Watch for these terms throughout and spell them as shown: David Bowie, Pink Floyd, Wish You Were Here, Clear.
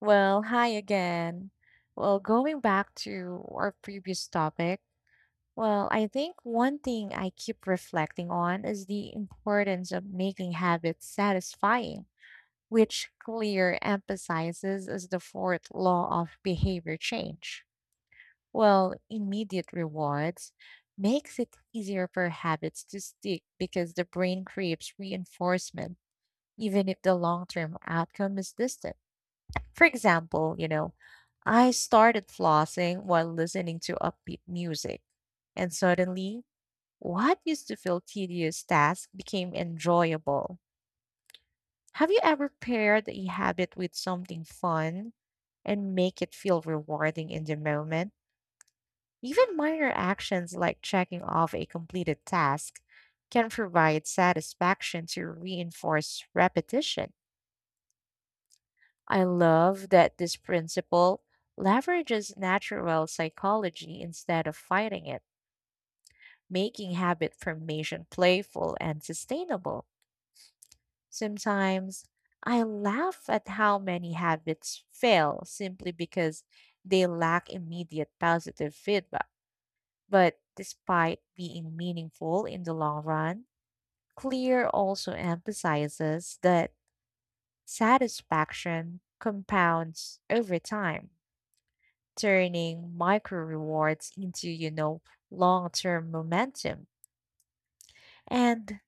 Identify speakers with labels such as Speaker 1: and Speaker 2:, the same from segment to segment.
Speaker 1: Hi again. Going back to our previous topic, I think one thing I keep reflecting on is the importance of making habits satisfying, which Clear emphasizes as the fourth law of behavior change. Immediate rewards makes it easier for habits to stick because the brain craves reinforcement, even if the long-term outcome is distant. For example, I started flossing while listening to upbeat music, and suddenly, what used to feel tedious task became enjoyable. Have you ever paired a habit with something fun and make it feel rewarding in the moment? Even minor actions like checking off a completed task can provide satisfaction to reinforce repetition. I love that this principle leverages natural psychology instead of fighting it, making habit formation playful and sustainable. Sometimes I laugh at how many habits fail simply because they lack immediate positive feedback. But despite being meaningful in the long run, Clear also emphasizes that satisfaction compounds over time turning micro rewards into long term momentum. And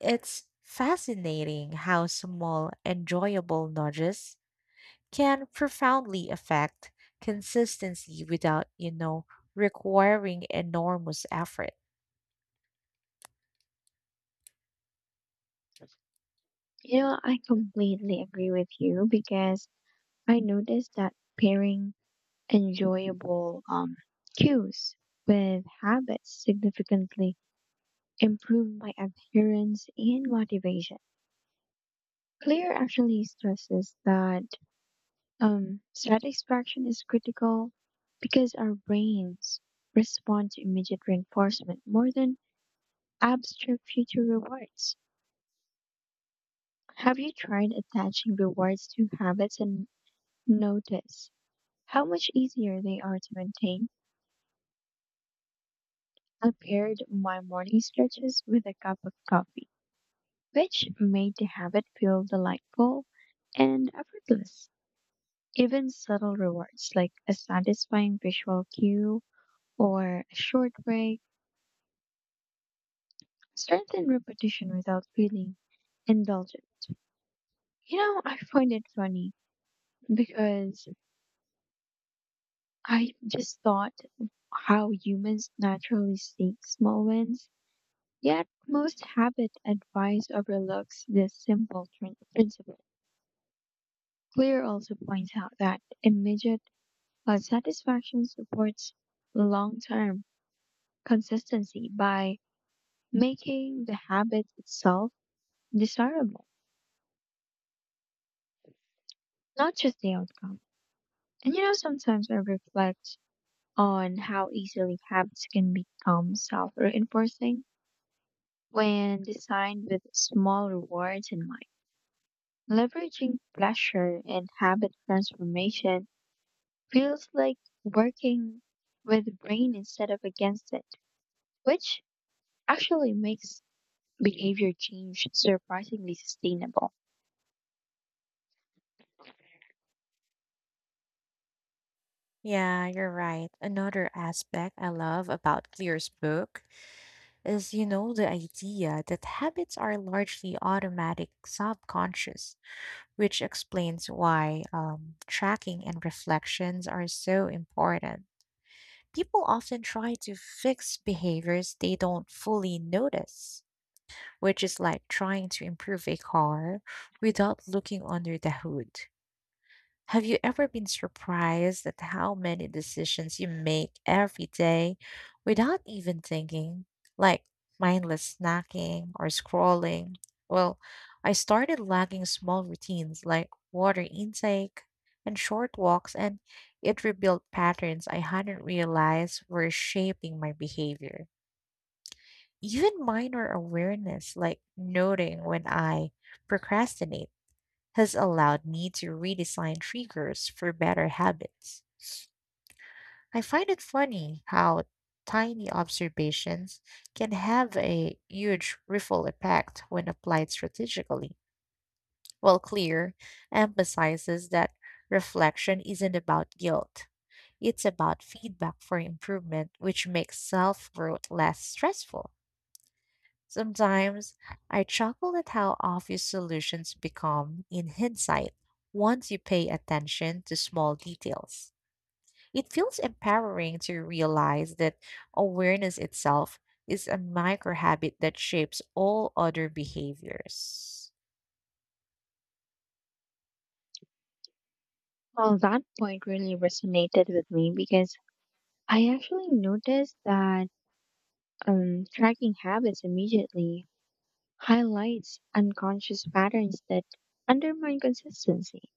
Speaker 1: it's fascinating how small, enjoyable nudges can profoundly affect consistency without requiring enormous effort.
Speaker 2: You know, I completely agree with you because I noticed that pairing enjoyable cues with habits significantly improve my adherence and motivation. Clear actually stresses that satisfaction is critical because our brains respond to immediate reinforcement more than abstract future rewards. Have you tried attaching rewards to habits and notice how much easier they are to maintain? I paired my morning stretches with a cup of coffee, which made the habit feel delightful and effortless. Even subtle rewards like a satisfying visual cue or a short break strengthen repetition without feeling indulgent. You know, I find it funny because I just thought how humans naturally seek small wins, yet most habit advice overlooks this simple principle. Clear also points out that immediate satisfaction supports long-term consistency by making the habit itself desirable, not just the outcome. And you know, sometimes I reflect on how easily habits can become self-reinforcing when designed with small rewards in mind. Leveraging pleasure in habit transformation feels like working with the brain instead of against it, which actually makes behavior change surprisingly sustainable.
Speaker 1: Yeah, you're right. Another aspect I love about Clear's book is the idea that habits are largely automatic, subconscious which explains why tracking and reflections are so important. People often try to fix behaviors they don't fully notice, which is like trying to improve a car without looking under the hood. Have you ever been surprised at how many decisions you make every day without even thinking? Like mindless snacking or scrolling? Well, I started lacking small routines like water intake and short walks, and it revealed patterns I hadn't realized were shaping my behavior. Even minor awareness, like noting when I procrastinate has allowed me to redesign triggers for better habits. I find it funny how tiny observations can have a huge ripple effect when applied strategically. Clear emphasizes that reflection isn't about guilt. It's about feedback for improvement, which makes self growth less stressful. Sometimes I chuckle at how obvious solutions become in hindsight once you pay attention to small details. It feels empowering to realize that awareness itself is a micro habit that shapes all other behaviors.
Speaker 2: Well, that point really resonated with me because I actually noticed that tracking habits immediately highlights unconscious patterns that undermine consistency.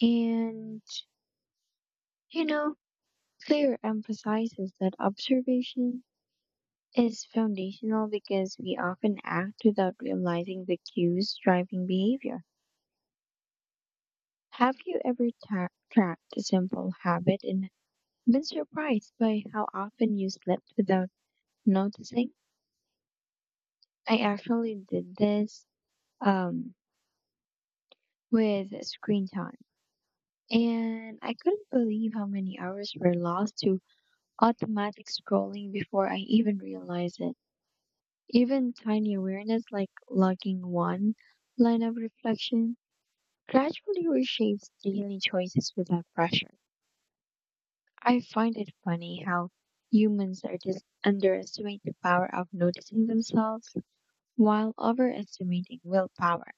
Speaker 2: And, you know, Clear emphasizes that observation is foundational because we often act without realizing the cues driving behavior. Have you ever tracked a simple habit and been surprised by how often you slipped without noticing? I actually did this um, with screen time, and I couldn't believe how many hours were lost to automatic scrolling before I even realized it. Even tiny awareness like logging one line of reflection gradually reshapes daily choices without pressure. I find it funny how humans are just underestimate the power of noticing themselves while overestimating willpower.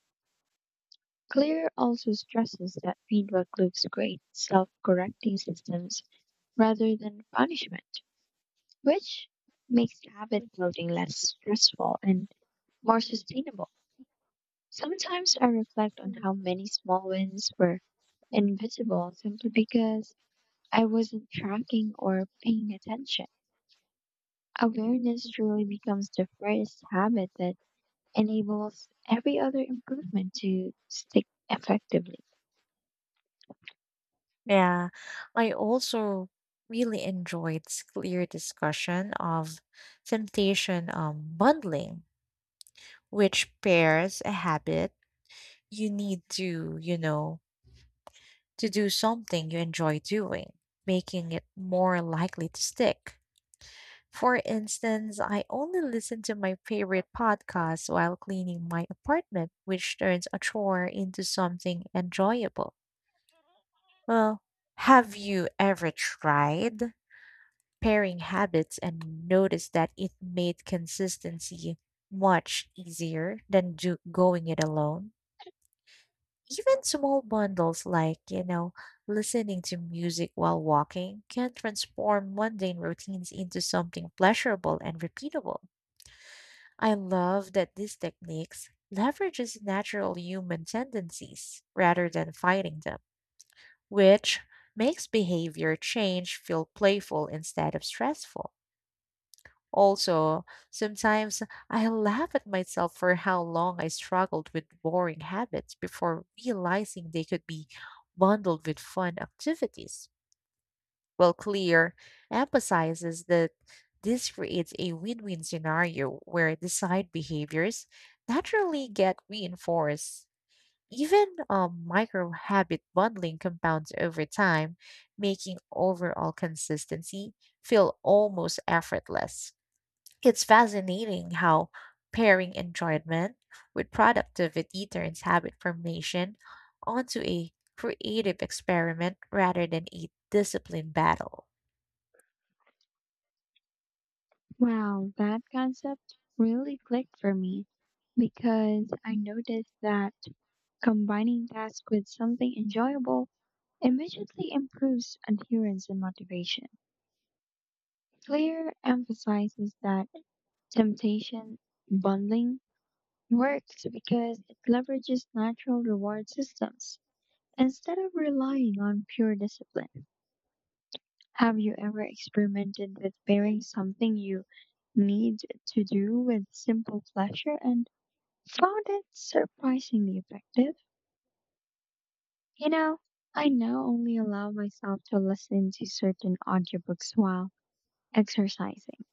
Speaker 2: Clear also stresses that feedback loops create self correcting systems rather than punishment, which makes habit building less stressful and more sustainable. Sometimes I reflect on how many small wins were invisible simply because I wasn't tracking or paying attention. Awareness truly becomes the first habit that enables every other improvement to stick effectively.
Speaker 1: Yeah, I also really enjoyed this clear discussion of temptation bundling, which pairs a habit you need to do something you enjoy doing, making it more likely to stick. For instance, I only listen to my favorite podcasts while cleaning my apartment, which turns a chore into something enjoyable. Well, have you ever tried pairing habits and noticed that it made consistency much easier than going it alone? Even small bundles like listening to music while walking can transform mundane routines into something pleasurable and repeatable. I love that these techniques leverages natural human tendencies rather than fighting them, which makes behavior change feel playful instead of stressful. Also, sometimes I laugh at myself for how long I struggled with boring habits before realizing they could be bundled with fun activities. Clear emphasizes that this creates a win win scenario where desired behaviors naturally get reinforced. Even micro habit bundling compounds over time, making overall consistency feel almost effortless. It's fascinating how pairing enjoyment with productivity turns habit formation onto a creative experiment rather than a discipline battle.
Speaker 2: Wow, that concept really clicked for me because I noticed that combining tasks with something enjoyable immediately improves adherence and motivation. Clear emphasizes that temptation bundling works because it leverages natural reward systems instead of relying on pure discipline. Have you ever experimented with pairing something you need to do with simple pleasure and found it surprisingly effective? You know, I now only allow myself to listen to certain audiobooks while exercising,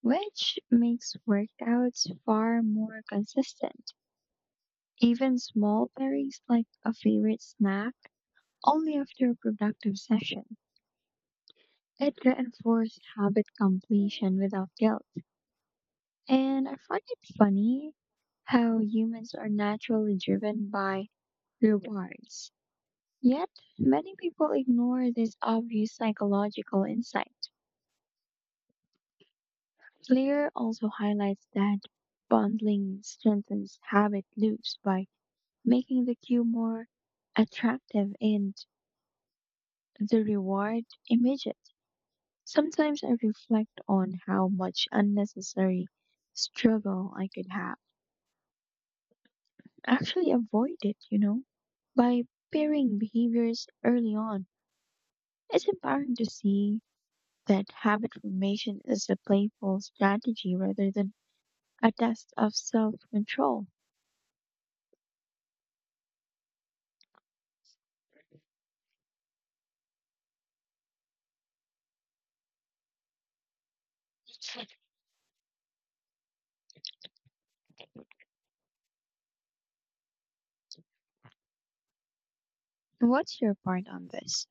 Speaker 2: which makes workouts far more consistent. Even small pairings like a favorite snack only after a productive session. It reinforced habit completion without guilt. And I find it funny how humans are naturally driven by rewards. Yet, many people ignore this obvious psychological insight. Clear also highlights that bundling strengthens habit loops by making the cue more attractive and the reward immediate. Sometimes I reflect on how much unnecessary struggle I could have actually avoided, you know, by pairing behaviors early on. It's empowering to see that habit formation is a playful strategy rather than a test of self control. What's your part on this?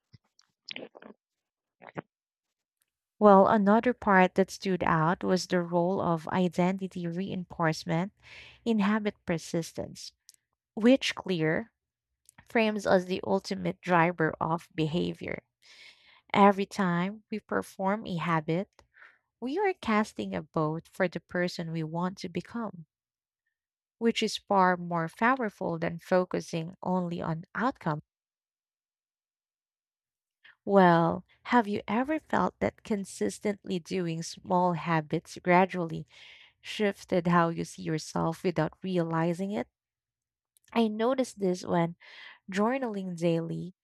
Speaker 1: Another part that stood out was the role of identity reinforcement in habit persistence, which clear frames as the ultimate driver of behavior. Every time we perform a habit, we are casting a vote for the person we want to become which is far more powerful than focusing only on outcome. Have you ever felt that consistently doing small habits gradually shifted how you see yourself without realizing it? I noticed this when journaling daily.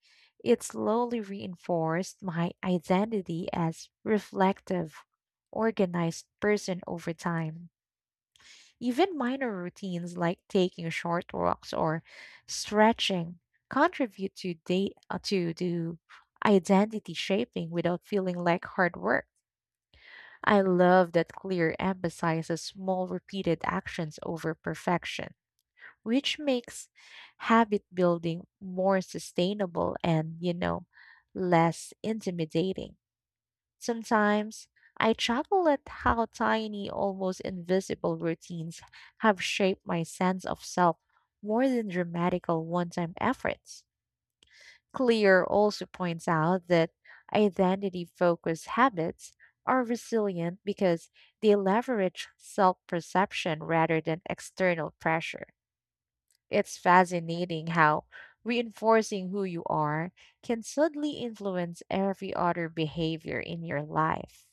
Speaker 1: It slowly reinforced my identity as reflective, organized person over time. Even minor routines like taking short walks or stretching contribute to day to do identity shaping without feeling like hard work. I love that Clear emphasizes small repeated actions over perfection, which makes habit building more sustainable and less intimidating. Sometimes I chuckle at how tiny, almost invisible routines have shaped my sense of self more than dramatical one time efforts. Clear also points out that identity focused habits are resilient because they leverage self perception rather than external pressure. It's fascinating how reinforcing who you are can subtly influence every other behavior in your life.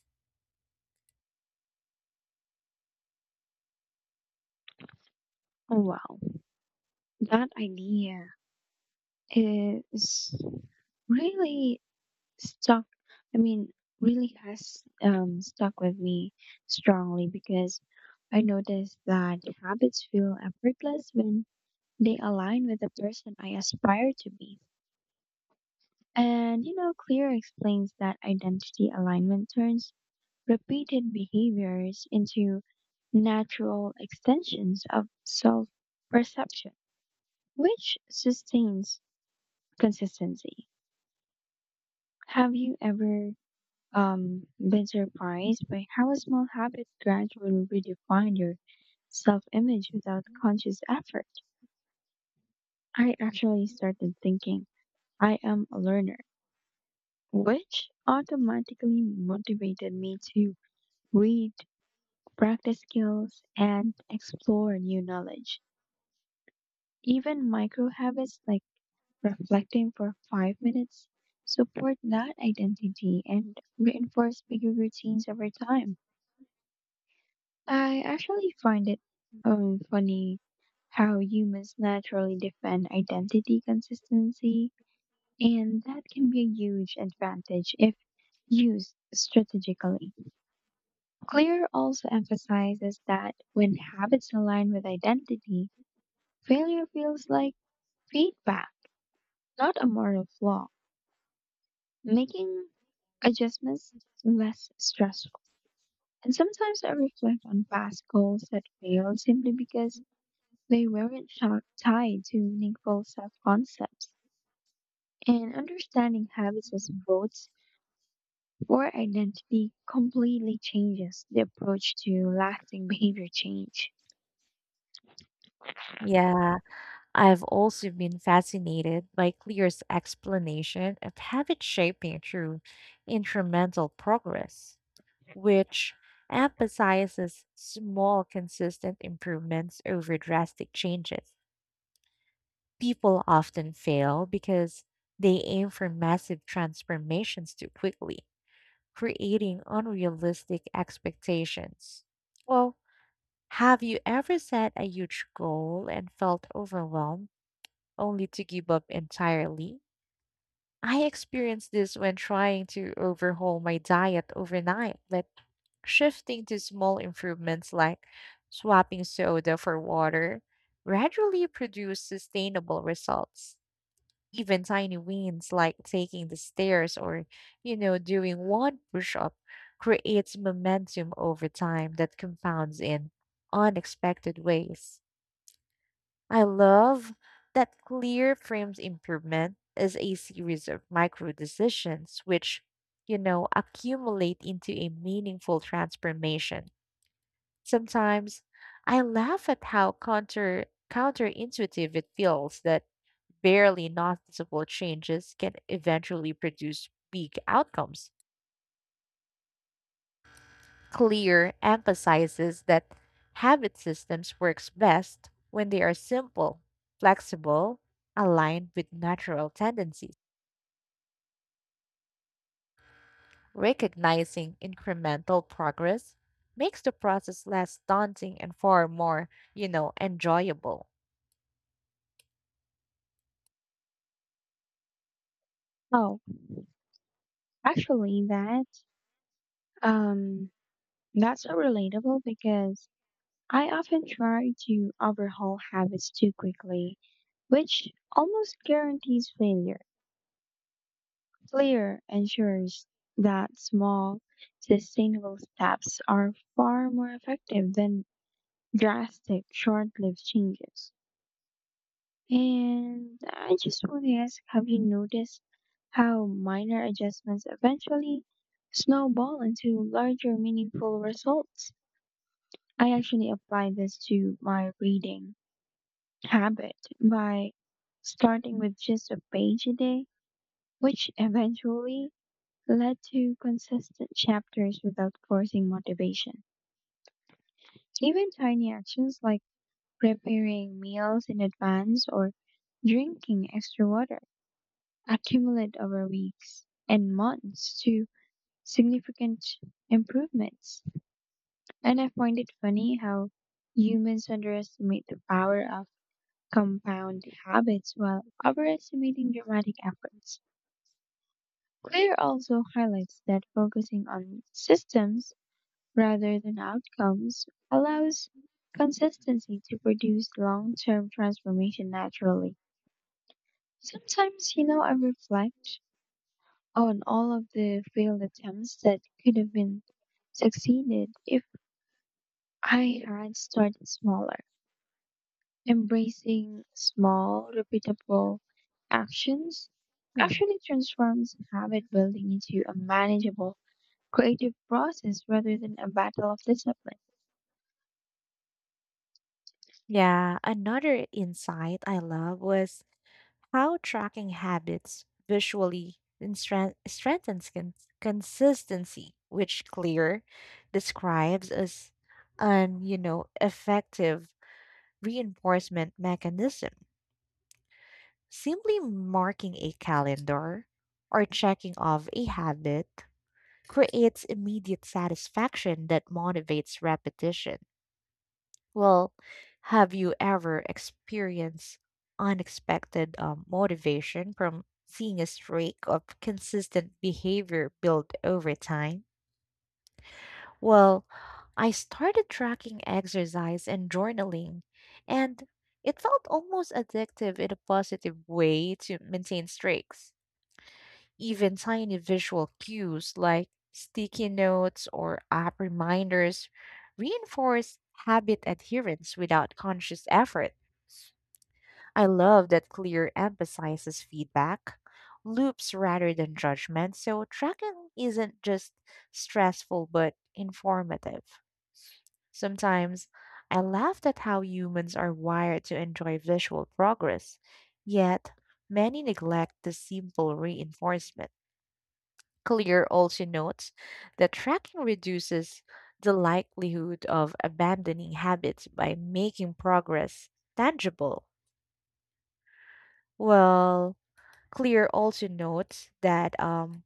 Speaker 2: Oh, wow. That idea is really stuck, I mean, really has stuck with me strongly because I noticed that habits feel effortless when they align with the person I aspire to be. And you know, Clear explains that identity alignment turns repeated behaviors into natural extensions of self perception, which sustains consistency. Have you ever been surprised by how a small habit gradually redefined your self image without conscious effort? I actually started thinking, I am a learner, which automatically motivated me to read, practice skills, and explore new knowledge. Even micro habits like reflecting for 5 minutes support that identity and reinforce bigger routines over time. I actually find it funny how humans naturally defend identity consistency, and that can be a huge advantage if used strategically. Clear also emphasizes that when habits align with identity, failure feels like feedback, not a moral flaw, making adjustments less stressful. And sometimes I reflect on past goals that failed simply because they weren't tied to meaningful self concepts, and understanding habits as votes for identity completely changes the approach to lasting behavior change.
Speaker 1: Yeah, I've also been fascinated by Clear's explanation of habit shaping through incremental progress, which emphasizes small, consistent improvements over drastic changes. People often fail because they aim for massive transformations too quickly, creating unrealistic expectations. Well, have you ever set a huge goal and felt overwhelmed, only to give up entirely? I experienced this when trying to overhaul my diet overnight, but shifting to small improvements like swapping soda for water gradually produced sustainable results. Even tiny wins like taking the stairs or doing one push up creates momentum over time that compounds in unexpected ways. I love that clear frames improvement as a series of micro decisions which accumulate into a meaningful transformation. Sometimes I laugh at how counterintuitive it feels that barely noticeable changes can eventually produce big outcomes. Clear emphasizes that habit systems works best when they are simple, flexible, aligned with natural tendencies. Recognizing incremental progress makes the process less daunting and far more enjoyable.
Speaker 2: Oh, actually, um, that's so relatable because I often try to overhaul habits too quickly, which almost guarantees failure. Clear ensures that small, sustainable steps are far more effective than drastic, short-lived changes. And I just want to ask, have you noticed how minor adjustments eventually snowball into larger, meaningful results? I actually apply this to my reading habit by starting with just a page a day, which eventually led to consistent chapters without forcing motivation. Even tiny actions like preparing meals in advance, or drinking extra water accumulate over weeks and months to significant improvements. And I find it funny how humans underestimate the power of compound habits while overestimating dramatic efforts. Clear also highlights that focusing on systems rather than outcomes allows consistency to produce long term transformation naturally. Sometimes, you know, I reflect on all of the failed attempts that could have been succeeded if I had started smaller, embracing small, repeatable actions
Speaker 1: Hmm.
Speaker 2: actually transforms habit building into a manageable creative process rather than a battle of discipline.
Speaker 1: Yeah, another insight I love was how tracking habits visually strengthens consistency, which Clear describes as an effective reinforcement mechanism. Simply marking a calendar or checking off a habit creates immediate satisfaction that motivates repetition. Well, have you ever experienced unexpected motivation from seeing a streak of consistent behavior build over time? Well, I started tracking exercise and journaling, and it felt almost addictive in a positive way to maintain streaks. Even tiny visual cues like sticky notes or app reminders reinforce habit adherence without conscious effort. I love that Clear emphasizes feedback loops rather than judgment, so tracking isn't just stressful but informative. Sometimes I laughed at how humans are wired to enjoy visual progress, yet many neglect the simple reinforcement. Clear also notes that tracking reduces the likelihood of abandoning habits by making progress tangible. Well, Clear also notes that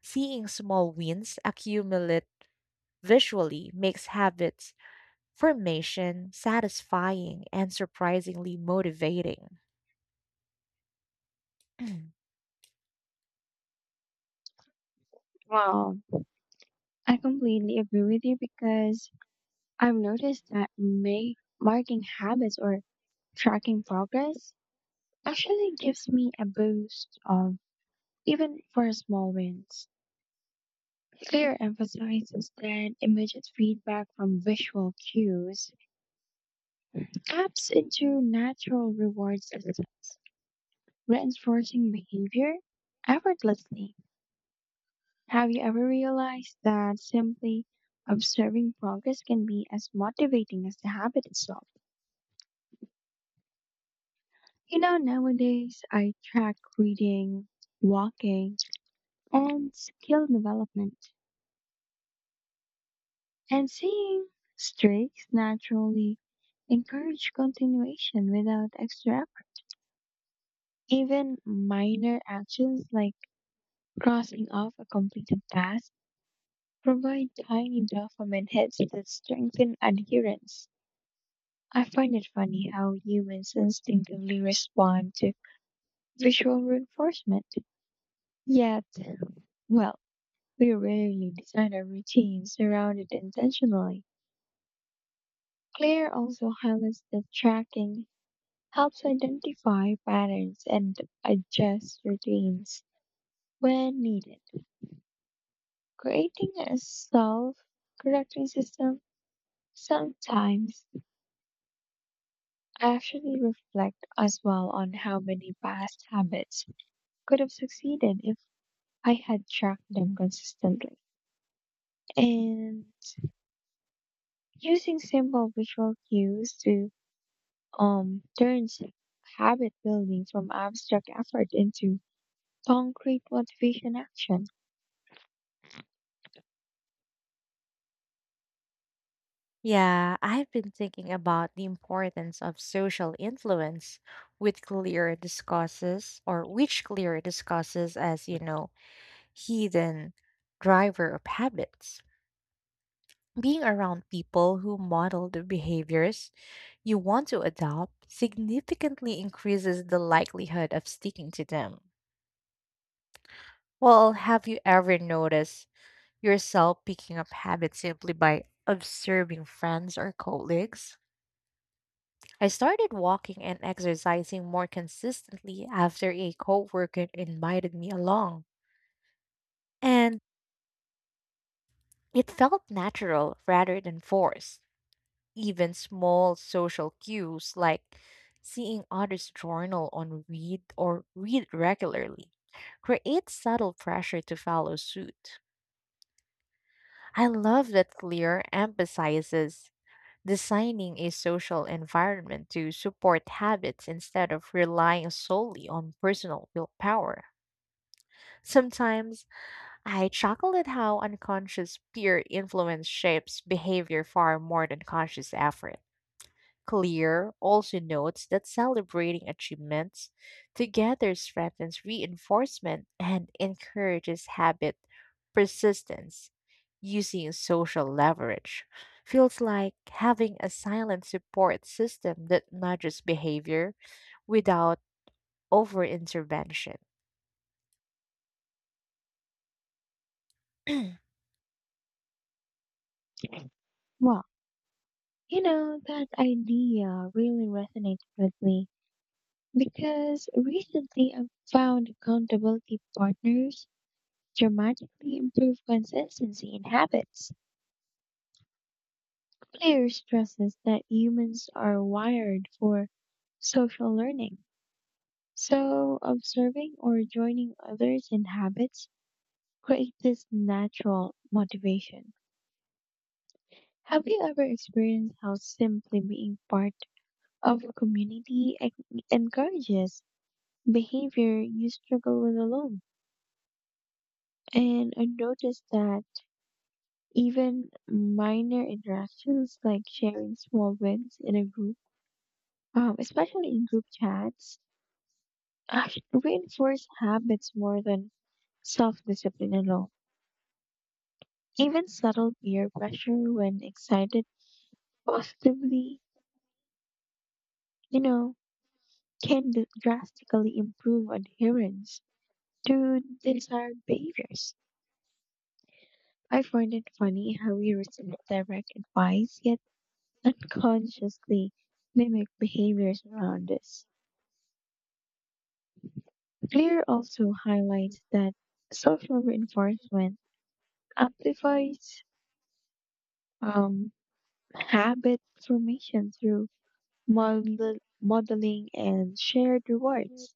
Speaker 1: seeing small wins accumulate visually makes habits formation satisfying and surprisingly motivating.
Speaker 2: Wow, I completely agree with you because I've noticed that marking habits or tracking progress actually gives me a boost of even for small wins. Clear emphasizes that immediate feedback from visual cues taps into natural reward systems, reinforcing behavior effortlessly. Have you ever realized that simply observing progress can be as motivating as the habit itself? You know, nowadays I track reading, walking, and skill development, and seeing streaks naturally encourage continuation without extra effort. Even minor actions like crossing off a completed task provide tiny dopamine hits that strengthen adherence. I find it funny how humans instinctively respond to visual reinforcement. Yet, well, we rarely design our routines around it intentionally. Claire also highlights that tracking helps identify patterns and adjust routines when needed, creating a self correcting system. Sometimes actually reflect as well on how many past habits could have succeeded if I had tracked them consistently. And using simple visual cues to turns habit building from abstract effort into concrete motivation action.
Speaker 1: Yeah, I've been thinking about the importance of social influence with Clear discusses, or which Clear discusses as, hidden driver of habits. Being around people who model the behaviors you want to adopt significantly increases the likelihood of sticking to them. Have you ever noticed yourself picking up habits simply by observing friends or colleagues? I started walking and exercising more consistently after a coworker invited me along, and it felt natural rather than forced. Even small social cues like seeing others' journal on read or read regularly create subtle pressure to follow suit. I love that Clear emphasizes designing a social environment to support habits instead of relying solely on personal willpower. Sometimes I chuckle at how unconscious peer influence shapes behavior far more than conscious effort. Clear also notes that celebrating achievements together strengthens reinforcement and encourages habit persistence using social leverage. Feels like having a silent support system that nudges behavior without over intervention.
Speaker 2: Well, you know, that idea really resonates with me because recently I've found accountability partners dramatically improve consistency in habits. Clear stresses that humans are wired for social learning. So, observing or joining others in habits creates this natural motivation. Have you ever experienced how simply being part of a community encourages behavior you struggle with alone? And I noticed that even minor interactions like sharing small wins in a group, especially in group chats, actually reinforce habits more than self discipline alone. Even subtle peer pressure when excited positively, you know, can drastically improve adherence to desired behaviors. I find it funny how we receive direct advice, yet unconsciously mimic behaviors around us. Clear also highlights that social reinforcement amplifies um, habit formation through modeling and shared rewards.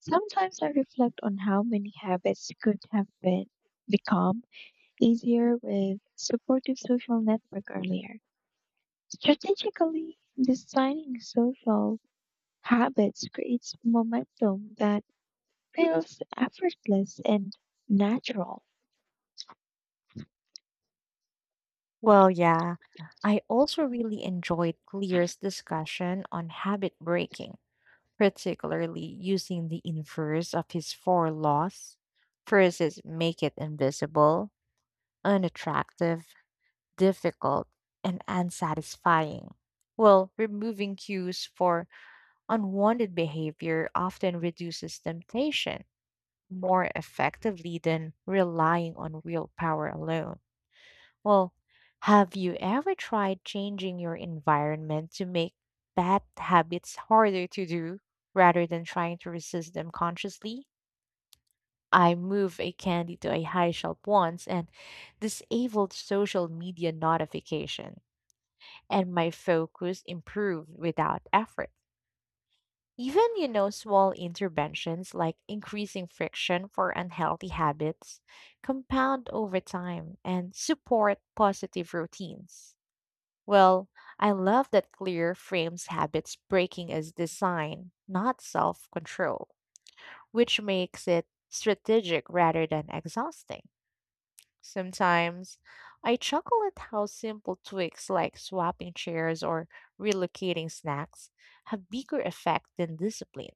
Speaker 2: Sometimes I reflect on how many habits could have been become easier with supportive social network earlier. Strategically designing social habits creates momentum that feels effortless and natural.
Speaker 1: Well, yeah, I also really enjoyed Clear's discussion on habit breaking particularly using the inverse of his four laws. First is make it invisible, unattractive, difficult, and unsatisfying. Removing cues for unwanted behavior often reduces temptation more effectively than relying on willpower alone. Well, have you ever tried changing your environment to make bad habits harder to do rather than trying to resist them consciously? I moved a candy to a high shelf once and disabled social media notification, and my focus improved without effort. Even, small interventions like increasing friction for unhealthy habits compound over time and support positive routines. Well, I love that clear frames habits breaking as design, not self control, which makes it strategic rather than exhausting. Sometimes I chuckle at how simple tweaks like swapping chairs or relocating snacks have bigger effect than discipline.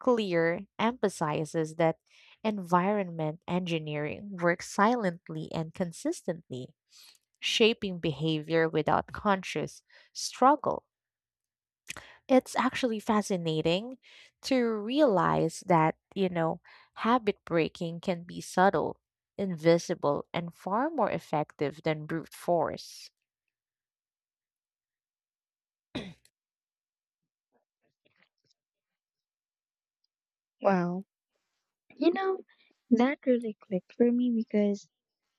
Speaker 1: Clear emphasizes that environment engineering works silently and consistently, shaping behavior without conscious struggle. It's actually fascinating to realize that habit breaking can be subtle, invisible, and far more effective than brute force.
Speaker 2: Wow. You know, that really clicked for me because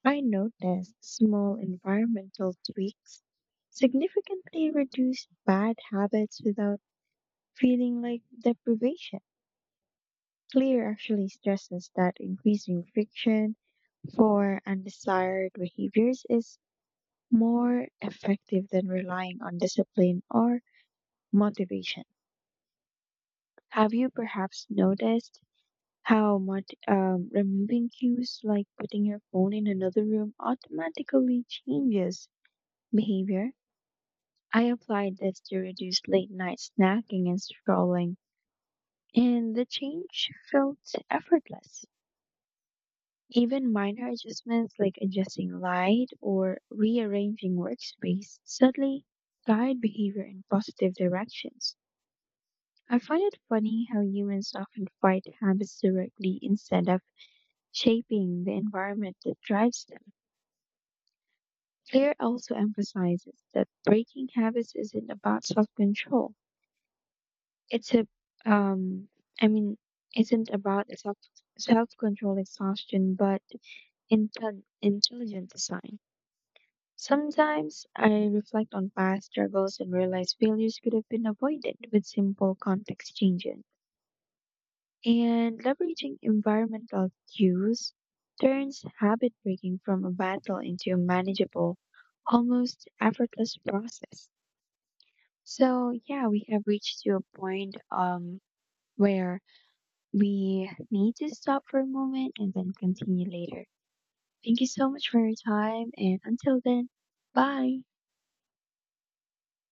Speaker 2: I noticed small environmental tweaks significantly reduce bad habits without feeling like deprivation. Clear actually stresses that increasing friction for undesired behaviors is more effective than relying on discipline or motivation. Have you perhaps noticed how much removing cues like putting your phone in another room automatically changes behavior? I applied this to reduce late night snacking and scrolling, and the change felt effortless. Even minor adjustments like adjusting light or rearranging workspace suddenly guide behavior in positive directions. I find it funny how humans often fight habits directly instead of shaping the environment that drives them. Claire also emphasizes that breaking habits isn't about self-control. It's a, um, I mean, isn't about self-control exhaustion, but intelligent design. Sometimes I reflect on past struggles and realize failures could have been avoided with simple context changes. And leveraging environmental cues turns habit breaking from a battle into a manageable, almost effortless process. So yeah, we have reached to a point where we need to stop for a moment and then continue later. Thank you so much for your time and until then, bye.